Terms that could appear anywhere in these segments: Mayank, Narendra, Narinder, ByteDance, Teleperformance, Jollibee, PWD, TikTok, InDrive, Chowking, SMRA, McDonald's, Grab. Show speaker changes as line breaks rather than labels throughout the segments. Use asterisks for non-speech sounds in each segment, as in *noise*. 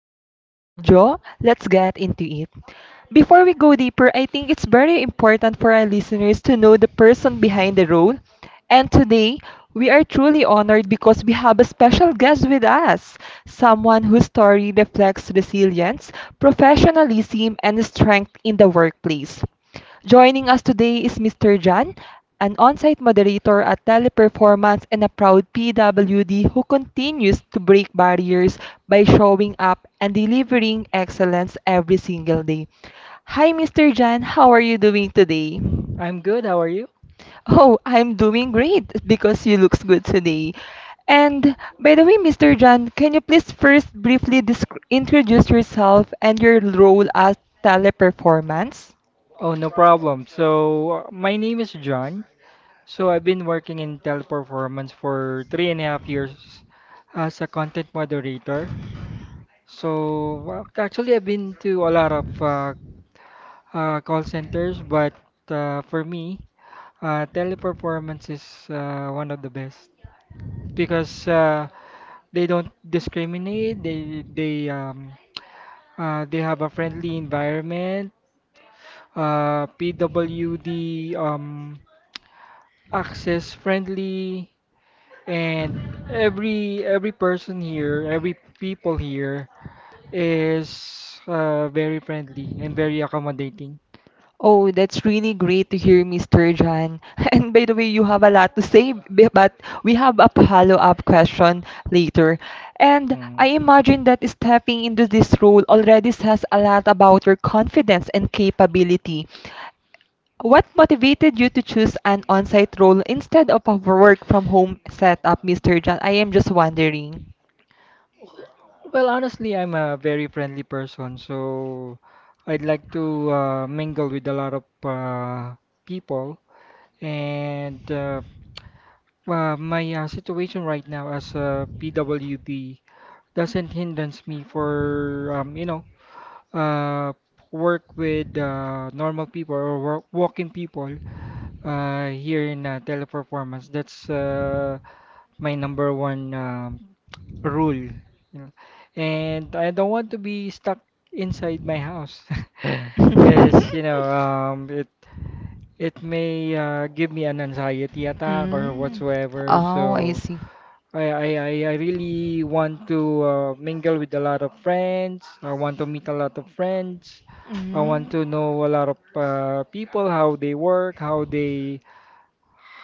your host, Jo. Let's get into it. Before we go deeper, I think it's very important for our listeners to know the person behind the role. And today, we are truly honored because we have a special guest with us, someone whose story reflects resilience, professionalism, and strength in the workplace. Joining us today is Mr. Jan, an on-site moderator at Teleperformance and a proud PWD who continues to break barriers by showing up and delivering excellence every single day. Hi, Mr. Jan. How are you doing today?
I'm good. How are you?
Oh, I'm doing great because you looks good today. And by the way, Mr. Jan, can you please first briefly introduce yourself and your role at Teleperformance?
Oh, no problem. My name is John. So, I've been working in teleperformance for three and a half years as a content moderator. Well, actually, I've been to a lot of call centers, but for me, teleperformance is one of the best because they don't discriminate. They they have a friendly environment. PWD access friendly, and every person here, every people here is very friendly and very accommodating.
Oh, that's really great to hear, Mr. John. *laughs* And by the way, you have a lot to say, but we have a follow-up question later. And
Mm.
I imagine that stepping into this role already says a lot about your confidence and capability. What motivated you to choose an on-site role instead of a work from home setup, Mr. John? I am just wondering. *laughs*
Well, honestly, I'm a very friendly person, so I'd like to mingle with a lot of people, and my situation right now as a pwd doesn't hindrance me for uh, work with normal people or work, walking people here in teleperformance. That's my number 1 rule. Know. And I don't want to be stuck inside my house *laughs* because, it may give me an anxiety attack or
Mm.
whatsoever.
Oh, I
So
see.
I really want to mingle with a lot of friends. I want to meet a lot of friends. I want
Mm.
to know a lot of people, how they work, how they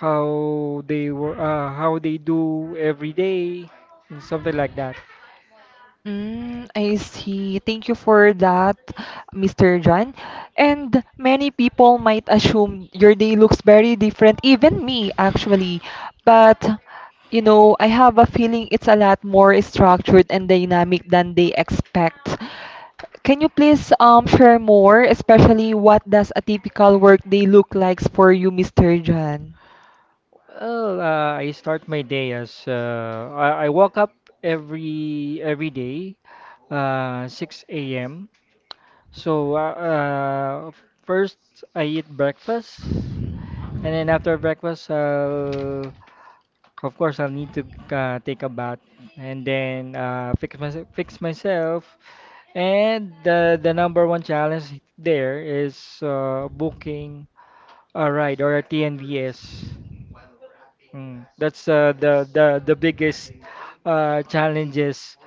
how they do every day, and something like that.
Mm, I see. Thank you for that, Mr. John. And many people might assume your day looks very different, even me, actually. But, you know, I have a feeling it's a lot more structured and dynamic than they expect. Can you please share more, especially what does a typical work day look like for you, Mr. John?
Well, I start my day as I wake up every day, 6 a.m. So first I eat breakfast. And then after breakfast, of course, I'll need to take a bath and then fix myself, fix myself. And the number 1 challenge there is booking a ride or a TNVS. Mm, that's the biggest challenges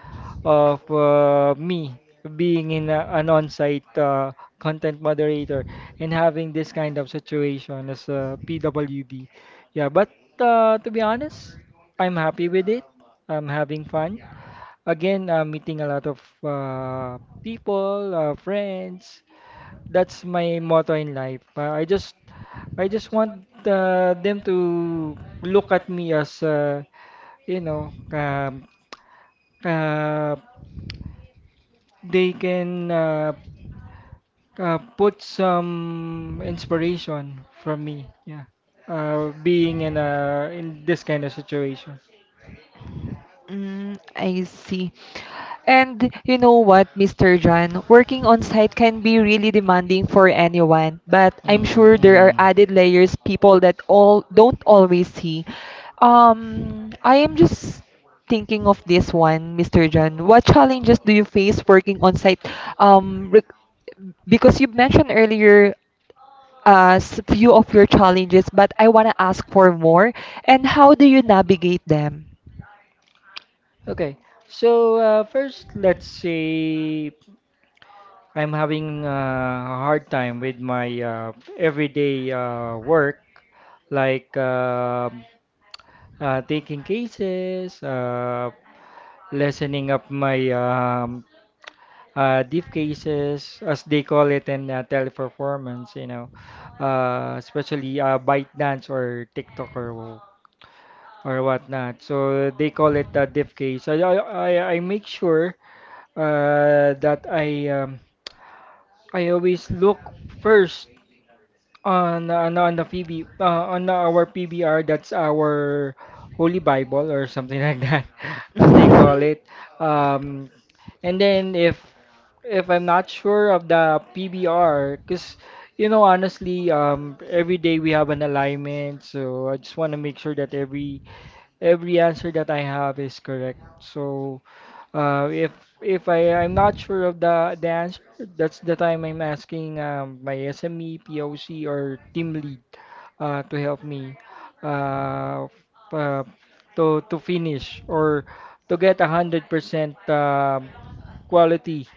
of me being in a, an on-site content moderator and having this kind of situation as a PWB. Yeah, but to be honest, I'm happy with it. I'm having fun. Again, I'm meeting a lot of people, friends. That's my motto in life. I just want them to look at me as you know um, uh, they can put some inspiration from me. Yeah, being in a in this kind of situation.
Mm, I see. And you know what, Mr. John, working on site can be really demanding for anyone, but I'm sure there are
Mm-mm.
added layers people that all don't always see. I am just thinking of this one, Mr. John. What challenges do you face working on site? Um, re- because you mentioned earlier a few of your challenges, but I want to ask for more. And how do you navigate them?
Okay, so first let's say I'm having a hard time with my everyday work, like taking cases, lessening up my deep cases, as they call it in teleperformance, you know, especially ByteDance or TikTok or wh- or whatnot. So they call it a diff case. I make sure that I always look first on the PB on our PBR. That's our Holy Bible or something like that, *laughs* as they call it.
*laughs*
Um, and then if I'm not sure of the PBR, because you know, honestly, every day we have an alignment, so I just want to make sure that every answer that I have is correct. So, if if I'm not sure of the answer, that's the time I'm asking my SME, POC, or team lead to help me uh, f- uh, to finish or to get 100% quality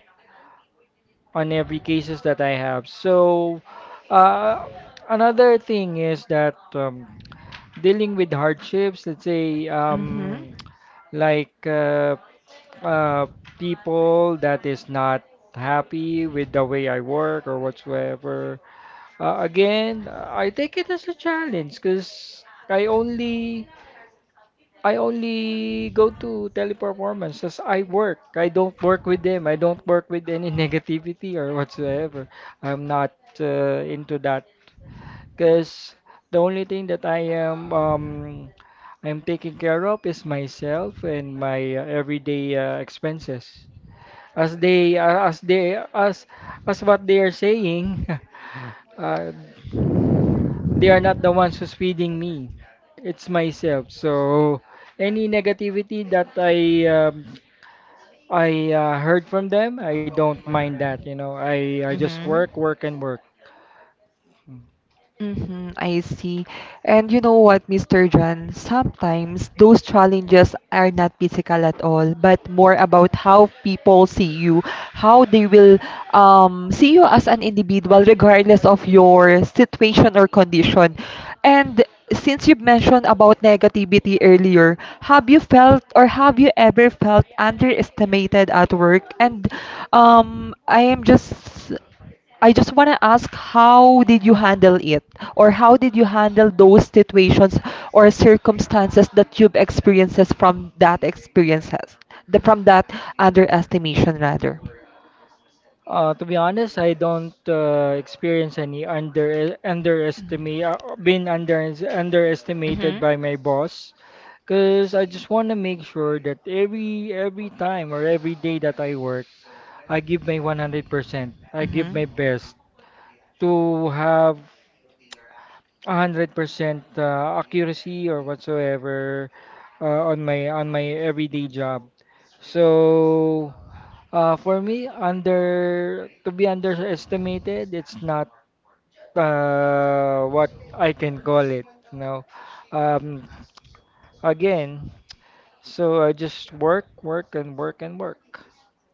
on every cases that I have. So, uh, another thing is that dealing with hardships, let's say, like uh, people that is not happy with the way I work or whatsoever. Again, I take it as a challenge because I only go to Teleperformance as I work. I don't work with them. I don't work with any *laughs* negativity or whatsoever. I'm not into that because the only thing that I am I'm taking care of is myself and my everyday expenses. As they uh, as they as as what they are saying, *laughs* uh, they are not the ones who's feeding me. It's myself. So any negativity that I heard from them, I don't mind that, you know. I just work, work, and work.
Mm-hmm, I see. And you know what, Mr. John? Sometimes those challenges are not physical at all, but more about how people see you, how they will see you as an individual, regardless of your situation or condition. And since you mentioned about negativity earlier, have you felt or have you ever felt underestimated at work? And I am just I just want to ask how did you handle it or how did you handle those situations or circumstances that you've experiences from that experiences from that underestimation rather.
To be honest, I don't experience any underestimate being underestimated
Mhm.
by my boss, because I just want to make sure that every time or every day that I work, I give my 100%. I give
Mhm.
my best to have 100% accuracy or whatsoever on my everyday job. So, for me, under to be underestimated, it's not what I can call it. You know, um, again, so I just work, work, and work.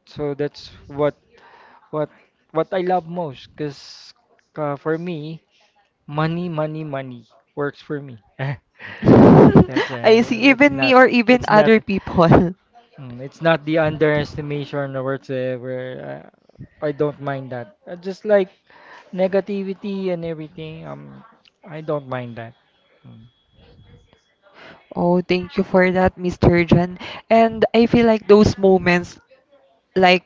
So that's what what what I love most, because for me, money, money, money works for me. *laughs*
*laughs* I see,
That's
even me
not.
or even
It's not.
other people. *laughs*
Mm, it's not the underestimation or whatsoever. I don't mind that. Just like negativity and everything, I don't mind that. Mm.
Oh, thank you for that, Mr. John. And I feel like those moments, like,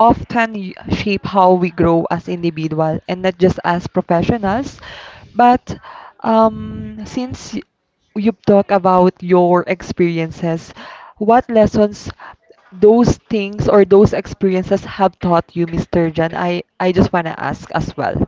often shape how we grow as individual and not just as professionals. But since you've talked about your experiences, what lessons those things or those experiences have taught you, Mr. John? I just want to ask as well.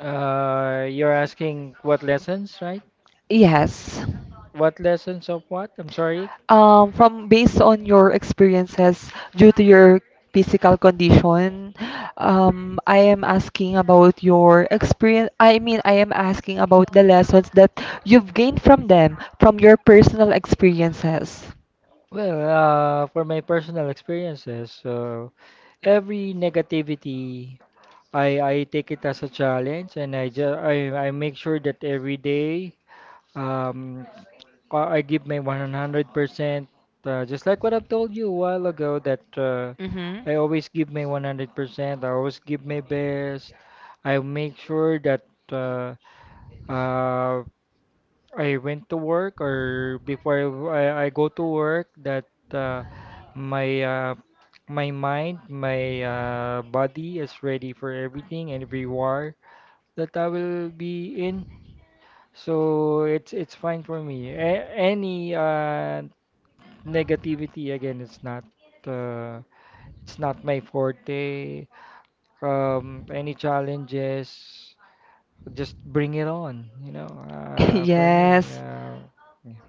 You're asking what lessons, right?
Yes.
What lessons of what? I'm sorry.
From based on your experiences due to your physical condition, I am asking about your experience. I mean, I am asking about the lessons that you've gained from them, from your personal experiences.
Well, for my personal experiences, so every negativity, I take it as a challenge, and I just I make sure that every day, um, I give my 100%, just like what I've told you a while ago, that
Mm-hmm.
I always
*laughs*
give my 100%, I always give my best. I make sure that uh, uh, I went to work or before I go to work that my my mind, my body is ready for everything and every war that I will be in. So it's fine for me. A any negativity again, uh, it's not my forte. Any challenges, just bring it on, you know. For me,
Yes,
yeah.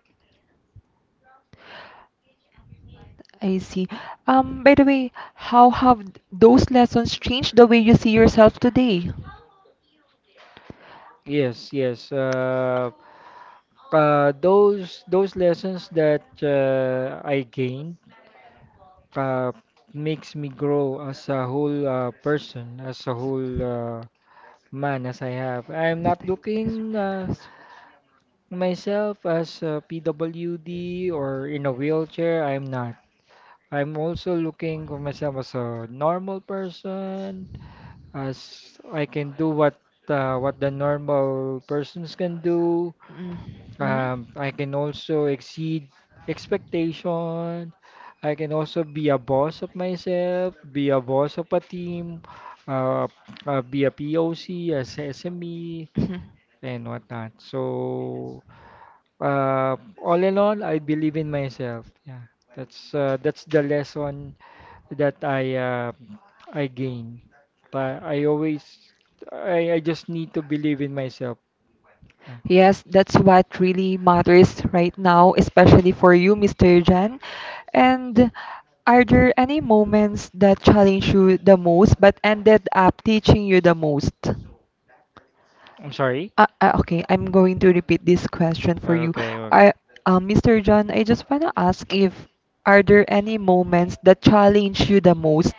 I see. By the way, how have those lessons changed the way you see yourself today?
yes yes uh, those lessons that I gained uh, makes me grow as a whole person, as a whole man. As I have I'm not looking myself as a PWD or in a wheelchair, I'm not. I'm also looking for myself as a normal person, as I can do what the normal persons can do.
Mm, mhm.
I can also exceed expectation. I can also be a boss of myself, be a boss of a team, uh, be a POC, as SME,
Mhm.
and whatnot. So. All in all, I believe in myself. Yeah, that's that's the lesson that I gain. But I always I just need to believe in myself. Yeah.
Yes, that's what really matters right now, especially for you, Mr. Jan. And are there any moments that challenged you the most but ended up teaching you the most?
I'm sorry.
Okay, I'm going to repeat this question for you.
Okay, okay.
Are, Mr. John, I just want to ask if are there any moments that challenged you the most,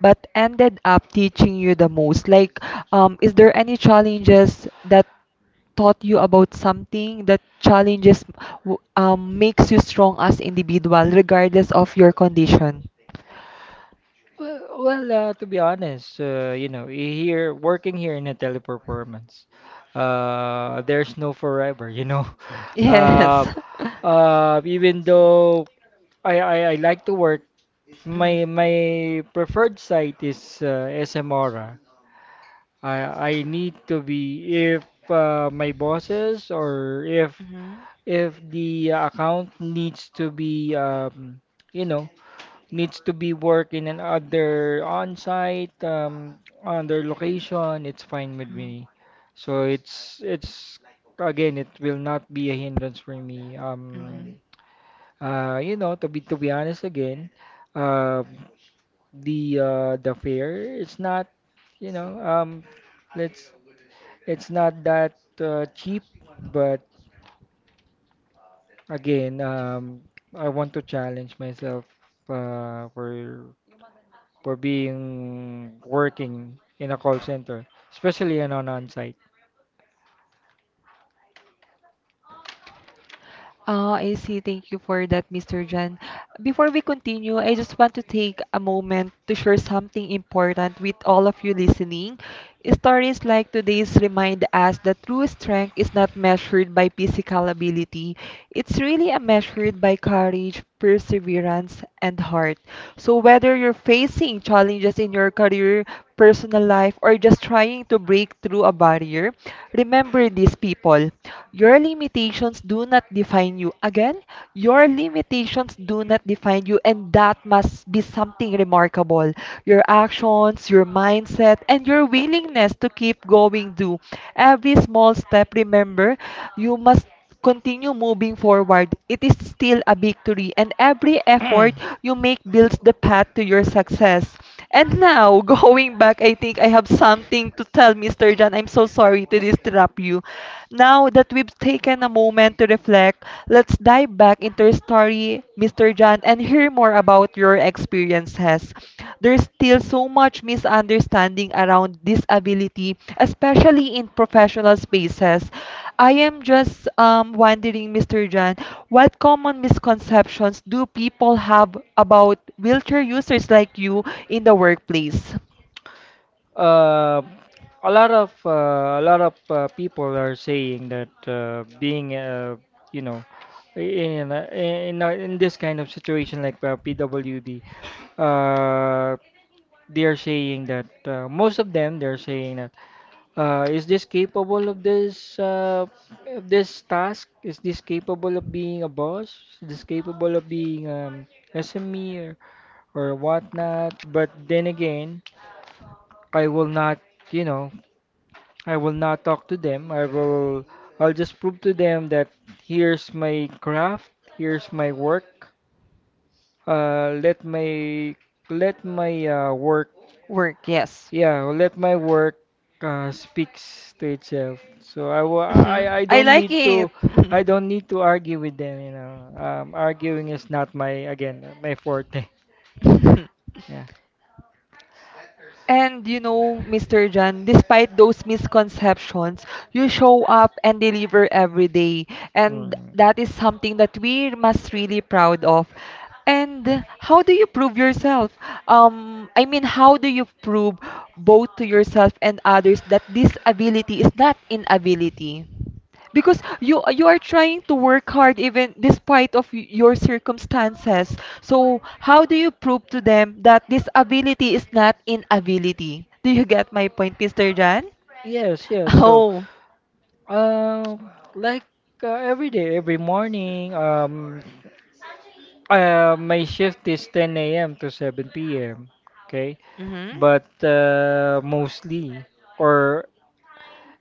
but ended up teaching you the most? Like, is there any challenges that taught you about something that challenges makes you strong as individual, regardless of your condition?
Well, to be honest, you know, here working here in a teleperformance, there's no forever, you know. *laughs*
Yes.
Uh,
*laughs*
Even though I like to work, my preferred site is SMRA. I I need to be if my bosses, or
Mhm.
if the account needs to be you know needs to be worked in another on-site other location, it's fine with me. So it's again, it will not be a hindrance for me. You know, to be honest again, uh the fare, it's not, you know, let's it's not that cheap, but again, I want to challenge myself for being working in a call center, especially in an on-site.
Oh, I see. Thank you for that, Mr. Jan. Before we continue, I just want to take a moment to share something important with all of you listening. Stories like today's remind us that true strength is not measured by physical ability. It's really a measured by courage, perseverance, and heart. So whether you're facing challenges in your career, personal life, or just trying to break through a barrier, remember these people. Your limitations do not define you. Again, your limitations do not define you, and that must be something remarkable. Your actions, your mindset, and your willingness to keep going do every small step. Remember, you must continue moving forward. It is still a victory, and every effort you make builds the path to your success. And now, *laughs* going back, I think I have something to tell Mr. John. I'm so sorry to disrupt you. Now that we've taken a moment to reflect, let's dive back into your story, Mr. John, and hear more about your experiences. There's still so much misunderstanding around disability, especially in professional spaces. I am just wondering, Mr. John, what common misconceptions do people have about wheelchair users like you in the workplace?
Uh, a lot of people are saying that being you know in a, in this kind of situation like PWD, uh, they're saying that most of them, they're saying that is this capable of this task? Is this capable of being a boss? Is this capable of being SME or whatnot? But then again, I will not, you know, I will not talk to them. I'll just prove to them that here's my craft, here's my work. Let my work
Work, yes.
Yeah, well, let my work speaks to itself. So I
Mhm.
don't
Like
need
it.
to I don't need to argue with them, you know. Arguing is not my, again, my forte. *laughs*
*laughs*
Yeah.
And you know, Mr. John, despite those misconceptions, you show up and deliver every day. And
Mm.
that is something that we must really proud of. And how do you prove yourself? I mean, how do you prove both to yourself and others that this ability is not inability? Because you are trying to work hard even despite of your circumstances, so how do you prove to them that this ability is not inability? Do you get my point, Mr. John?
Yes, yes.
*laughs*
So,
Oh,
Uh, like every day, every morning, my shift is 10 a.m. to 7 p.m. Okay,
mm-hmm.
but mostly or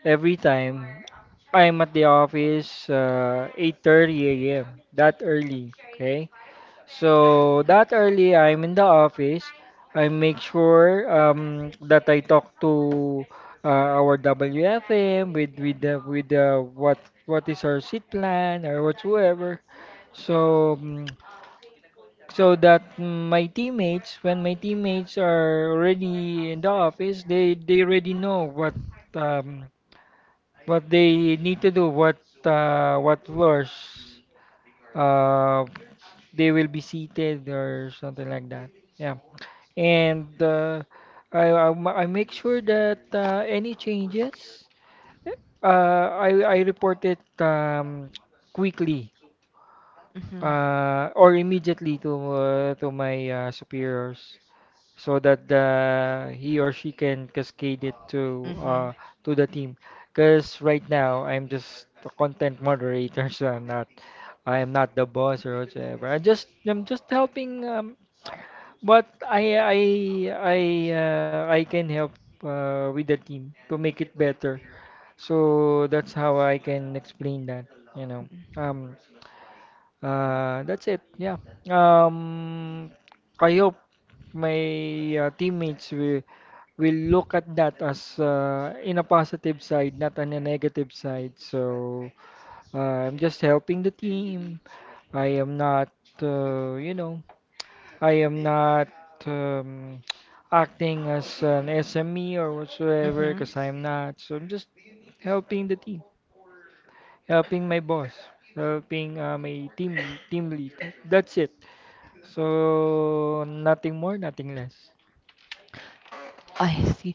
every time I'm at the office 8:30 a.m., that early. Okay, so that early, I'm in the office. I make sure that I talk to our WFM with what is our seat plan or whatsoever. So mm, so that my teammates, when my teammates are already in the office, they already know um, what they need to do, what floors, uh, they will be seated or something like that. Yeah. And I make sure that any changes, I report it quickly
Mm-hmm.
or immediately to my superiors so that he or she can cascade it to the team. Because right now I'm just a content moderator, *laughs* so I am not the boss or whatsoever. I'm just helping But I I I can help with the team to make it better. So that's how I can explain that, you know. Um that's it. Yeah. Um I hope my teammates will look at that as in a positive side, not on a negative side. So I'm just helping the team. I am not uh, you know I am not um, *tsk* acting as an SME or
Mm-hmm.
whatsoever
Mm-hmm.
because I'm not. So I'm just helping the team, helping my boss, helping my team lead. That's it. So nothing more, nothing less.
I see.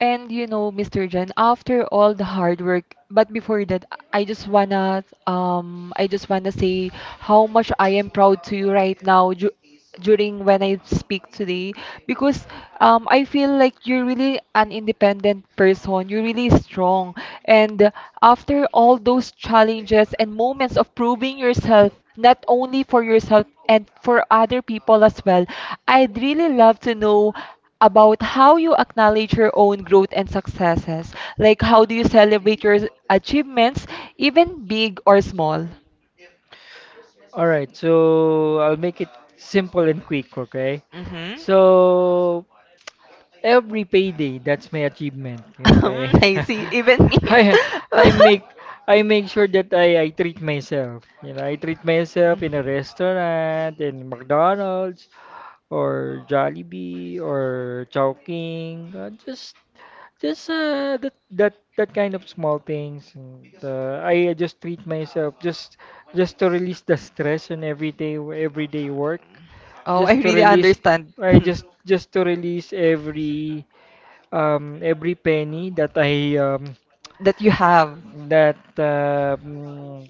And you know, Mr. Jen, after all the hard work, but before that, I just wanna say how much I am proud to you right now. During when I speak today because I feel like you're really an independent person. You're really strong. And after all those challenges and moments of proving yourself, not only for yourself and for other people as well, I'd really love to know about how you acknowledge your own growth and successes. Like, how do you celebrate your achievements, even big or small?
All right. So I'll make it simple and quick. Okay.
Mm-hmm.
So Every payday, that's my achievement. Okay.
I see, even
*laughs*
me.
I
*laughs*
I make I make sure that I treat myself. You know, I treat myself in a restaurant, in McDonald's or Jollibee or Chowking. Just that kind of small things. And, I just treat myself just to release the stress and everyday work.
Oh, I
Just to
really
release
understand.
I
*laughs*
just just to release every penny
That you have.
that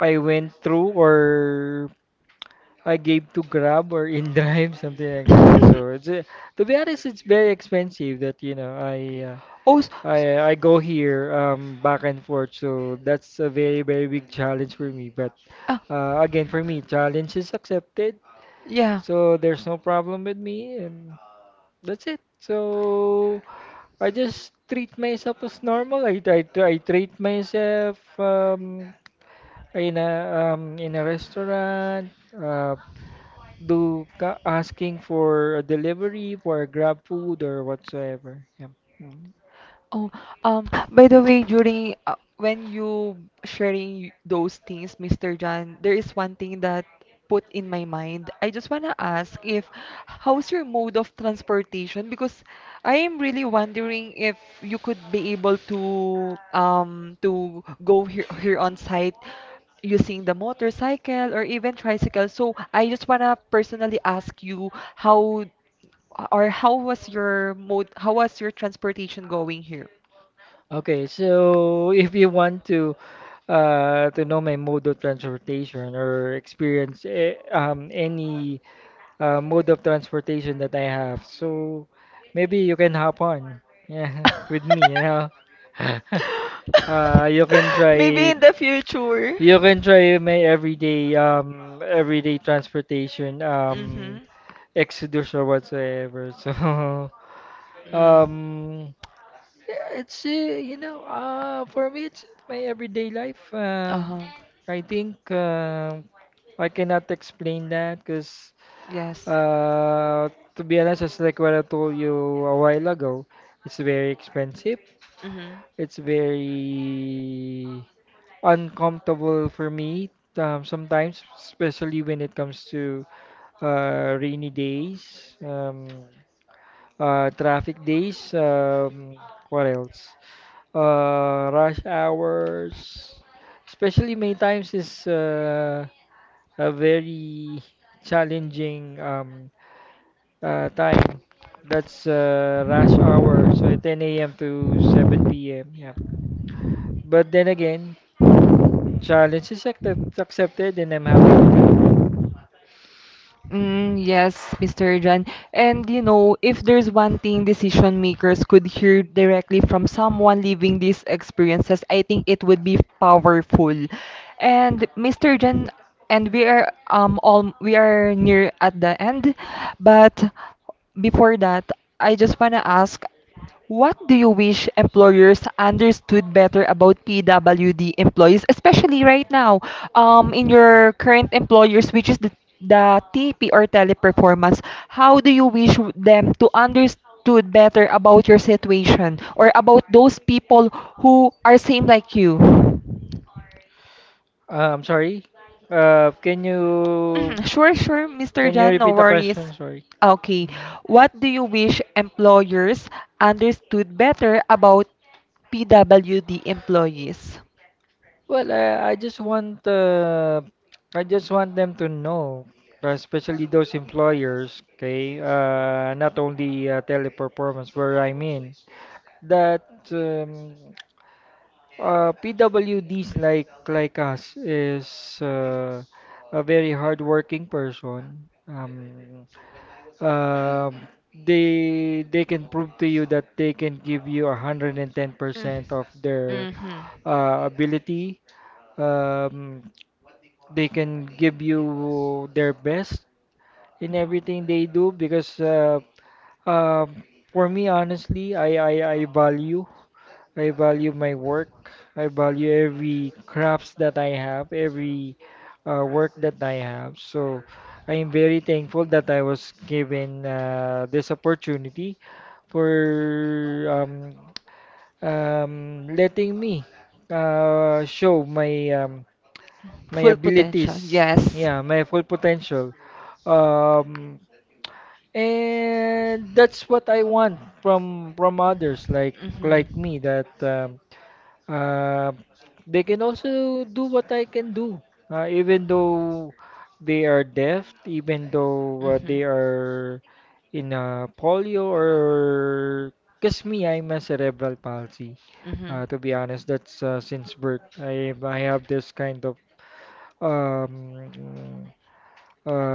I went through or I gave to Grab or InDrive, *laughs* something like that. So it's to be honest, it's very expensive that you know
*laughs* Oh,
I go here back and forth. So that's a very big challenge for me. But
ah,
again, for me, challenge is accepted.
yeah.
So there's no problem with me, and that's it. So I just treat myself as normal. I treat myself in a in a restaurant. Asking for a delivery for Grab food or whatsoever. Yeah.
Oh, by the way, during when you sharing those things, Mr. John, there is one thing that put in my mind. I just wanna ask if how's your mode of transportation? Because I am really wondering if you could be able to go here on site using the motorcycle or even tricycle. So I just wanna personally ask you how or how was your mode, how was your transportation going here?
Okay, so *laughs* if you want to know my mode of transportation or experience any mode of transportation that I have, so maybe you can hop on, yeah, *laughs* with me, you know.
*laughs*
*laughs* Uh, you can
Maybe
try
in the future.
you can try my everyday transportation
Mm-hmm.
Exodus or whatsoever. So *laughs*
Mm.
um yeah, it's you know for me it's my everyday life.
Uh-huh.
I think I cannot explain that because
Yes.
uh to be honest, it's like what I told you a while ago. It's very expensive.
Mm-hmm.
It's very uncomfortable for me sometimes, especially when it comes to rainy days, traffic days, what else? Rush hours, especially many times is a very challenging time. That's rush hour, so 10 a.m. to 7 p.m. Yeah. But then again, challenge is accepted, and I'm happy with that.
Mm, yes, Mr. John. And you know, if there's one thing decision makers could hear directly from someone living these experiences, I think it would be powerful. And Mr. John, and we are all we are near at the end, but before that, I just want to ask what do you wish employers understood better about PWD employees, especially right now in your current employers, which is the TP or teleperformance? How do you wish them to understood better about your situation or about those people who are same like you?
I'm sorry. Uh, can you
Mhm. Sure, sure, Mr.
can you
Jan, no
repeat the question?
worries.
Sorry.
Okay, what do you wish employers understood better about PWD employees?
Well, I just want them to know, especially those employers, okay, not only teleperformance where I'm in, that um, PWDs like us is a very hardworking person. Um, they can prove to you that they can give you 110% of their
Mm-hmm.
ability. Um, they can give you their best in everything they do because um for me, honestly, I value my work. I value every crafts that I have, every work that I have. So I am very thankful that I was given this opportunity for um, letting me show my
Full potential,
abilities.
yes.
Yeah, my full potential. Um, and that's what I want from others like
Mhm.
like me that uh, they can also do what I can do, even though they are deaf, even though they are in polio or because me, I'm a cerebral palsy.
Mhm.
To be honest, that's since birth. I have
Mhm.
this kind of um,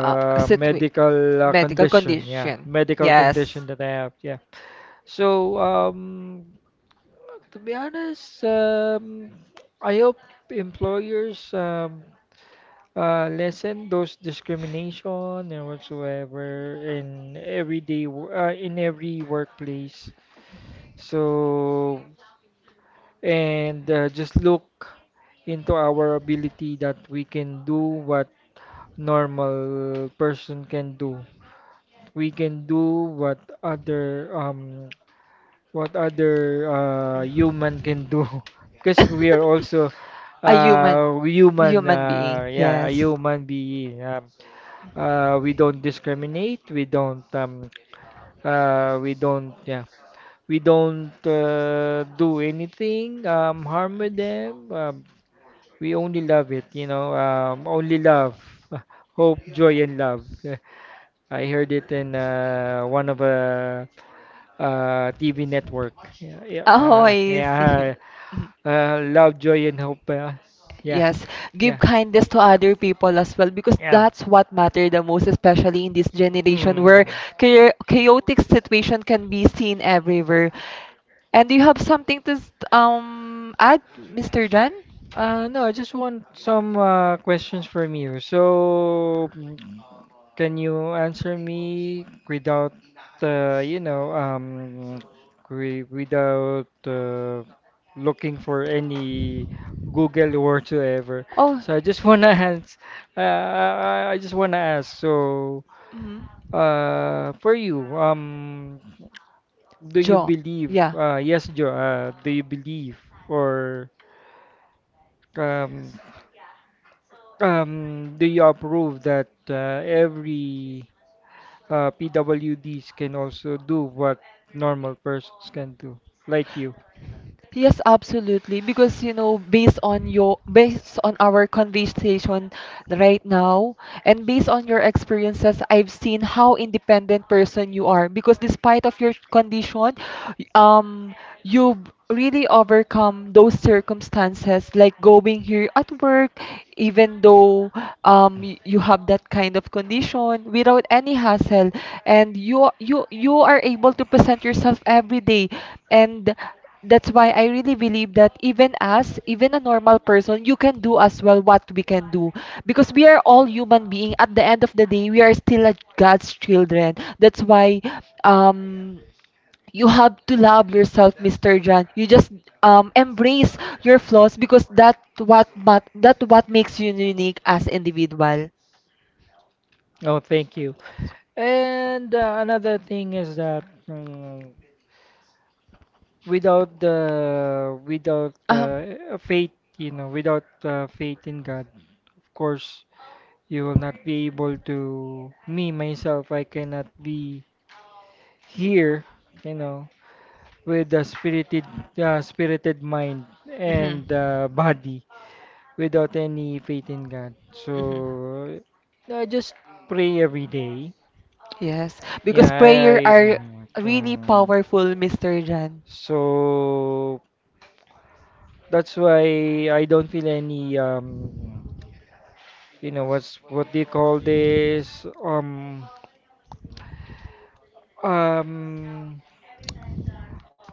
uh, situ-
medical
Medical
condition, yeah,
condition.
medical
Yes.
condition that I have, yeah. So to be honest, I hope employers lessen those discrimination and whatsoever in in every workplace. So and just look into our ability that we can do what normal person can do. We can do what other human can do *laughs* because we are also
*laughs* A human
human
human being.
yeah a
Yes.
human being we don't discriminate we don't yeah we don't do anything harm with them we only love it you know only love *laughs* hope joy and love *laughs* I heard it in one of a TV network. Yeah, yeah,
Oh, I see.
yeah.
Mhm.
Love, joy, and hope. Yeah,
Yes, give
yeah,
kindness to other people as well because
yeah.
that's what matter the most, especially in this generation where
Mm.
chaotic situation can be seen everywhere. And do you have something to add, Mr. John?
No, I just want some questions from you. So, can you answer me without, uh, you know, um, wi- without uh, looking for any Google whatsoever?
Oh,
So I just wanna *laughs* ask. I just wanna ask. So,
mhm.
For you, do you
Joe,
believe?
yeah.
Yes, Joe. Do you believe or um, do you approve that every PWDs can also do what normal persons can do, like you?
Yes, absolutely. Because, you know, based on your based on our conversation right now and based on your experiences, I've seen how independent person you are. Because despite of your condition, um, you really overcome those circumstances, like going here at work, even though you have that kind of condition without any hassle, and you you are able to present yourself every day, and that's why I really believe that even us, even a normal person, you can do as well what we can do. Because we are all human being. At the end of the day, we are still a God's children. That's why um you have to love yourself, Mr. John. You just embrace your flaws because that what that what makes you unique as individual.
Oh, thank you. And another thing is that mm, without the without
Uh,
faith, you know, without faith in God, of course, you will not be able to me myself I cannot be here you know with a spirited mind
mhm.
and body without any faith in God.
Mhm.
So I just pray every day,
Yes,
yeah.
because prayer are
I
really
mm, mm.
powerful, Mr. Jan.
so that's why I don't feel any you know what's what do you call this um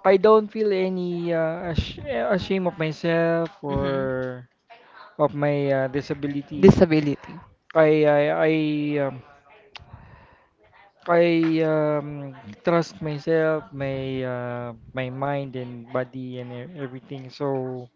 I don't feel any ashamed of myself
Mhm.
or of my disability.
Disability.
I I I um, I um, trust myself, my mind and body and everything. So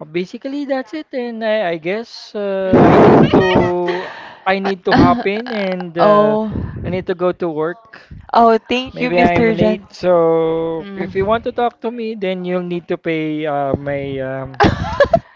basically, that's it. And I guess I need to hop in and
*laughs* Oh,
I need to go to work.
oh, thank you,
Maybe I'm
Mr.
late,
Jan.
so if you want to
Mm.
talk to me, then you'll need to pay
*laughs*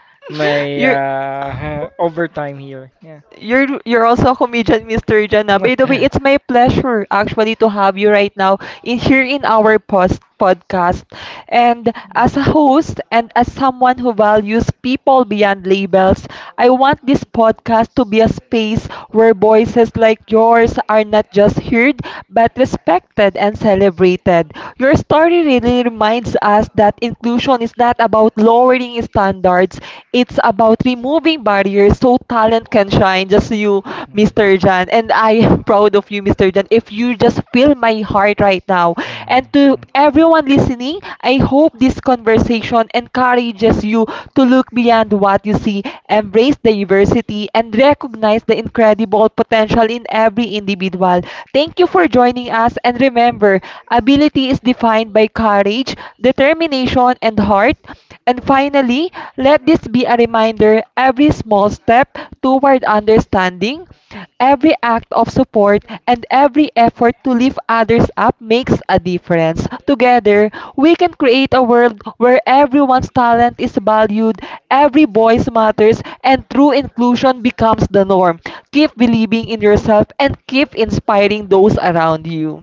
*laughs*
my
You're
*laughs* overtime here. Yeah.
you're also a comedian, Mr. Jana. By the way, it's
*laughs*
my pleasure actually to have you right now in here in our post podcast. And as a
Mm.
host and as someone who values people beyond labels, I want this podcast to be a space where voices like yours are not just heard but respected and celebrated. Your story really reminds us that inclusion is not about lowering standards, it's about removing barriers so talent can shine. Just you,
Mm.
Mr. Jan, and I am proud of you, Mr. Jan. If you just feel my heart right now, and to
Mm.
everyone listening, I hope this conversation encourages you to look beyond
mm. *laughs*
what you see, embrace diversity, and recognize the incredible potential in every individual. Thank you for joining us, and remember, ability is defined by courage, the determination, and heart. And finally, let this be a reminder every small step toward understanding, every act of support, and every effort to lift others up makes a difference. Together, we can create a world where everyone's talent is valued, every voice matters, and true inclusion becomes the norm. Keep believing in yourself and keep inspiring those around you.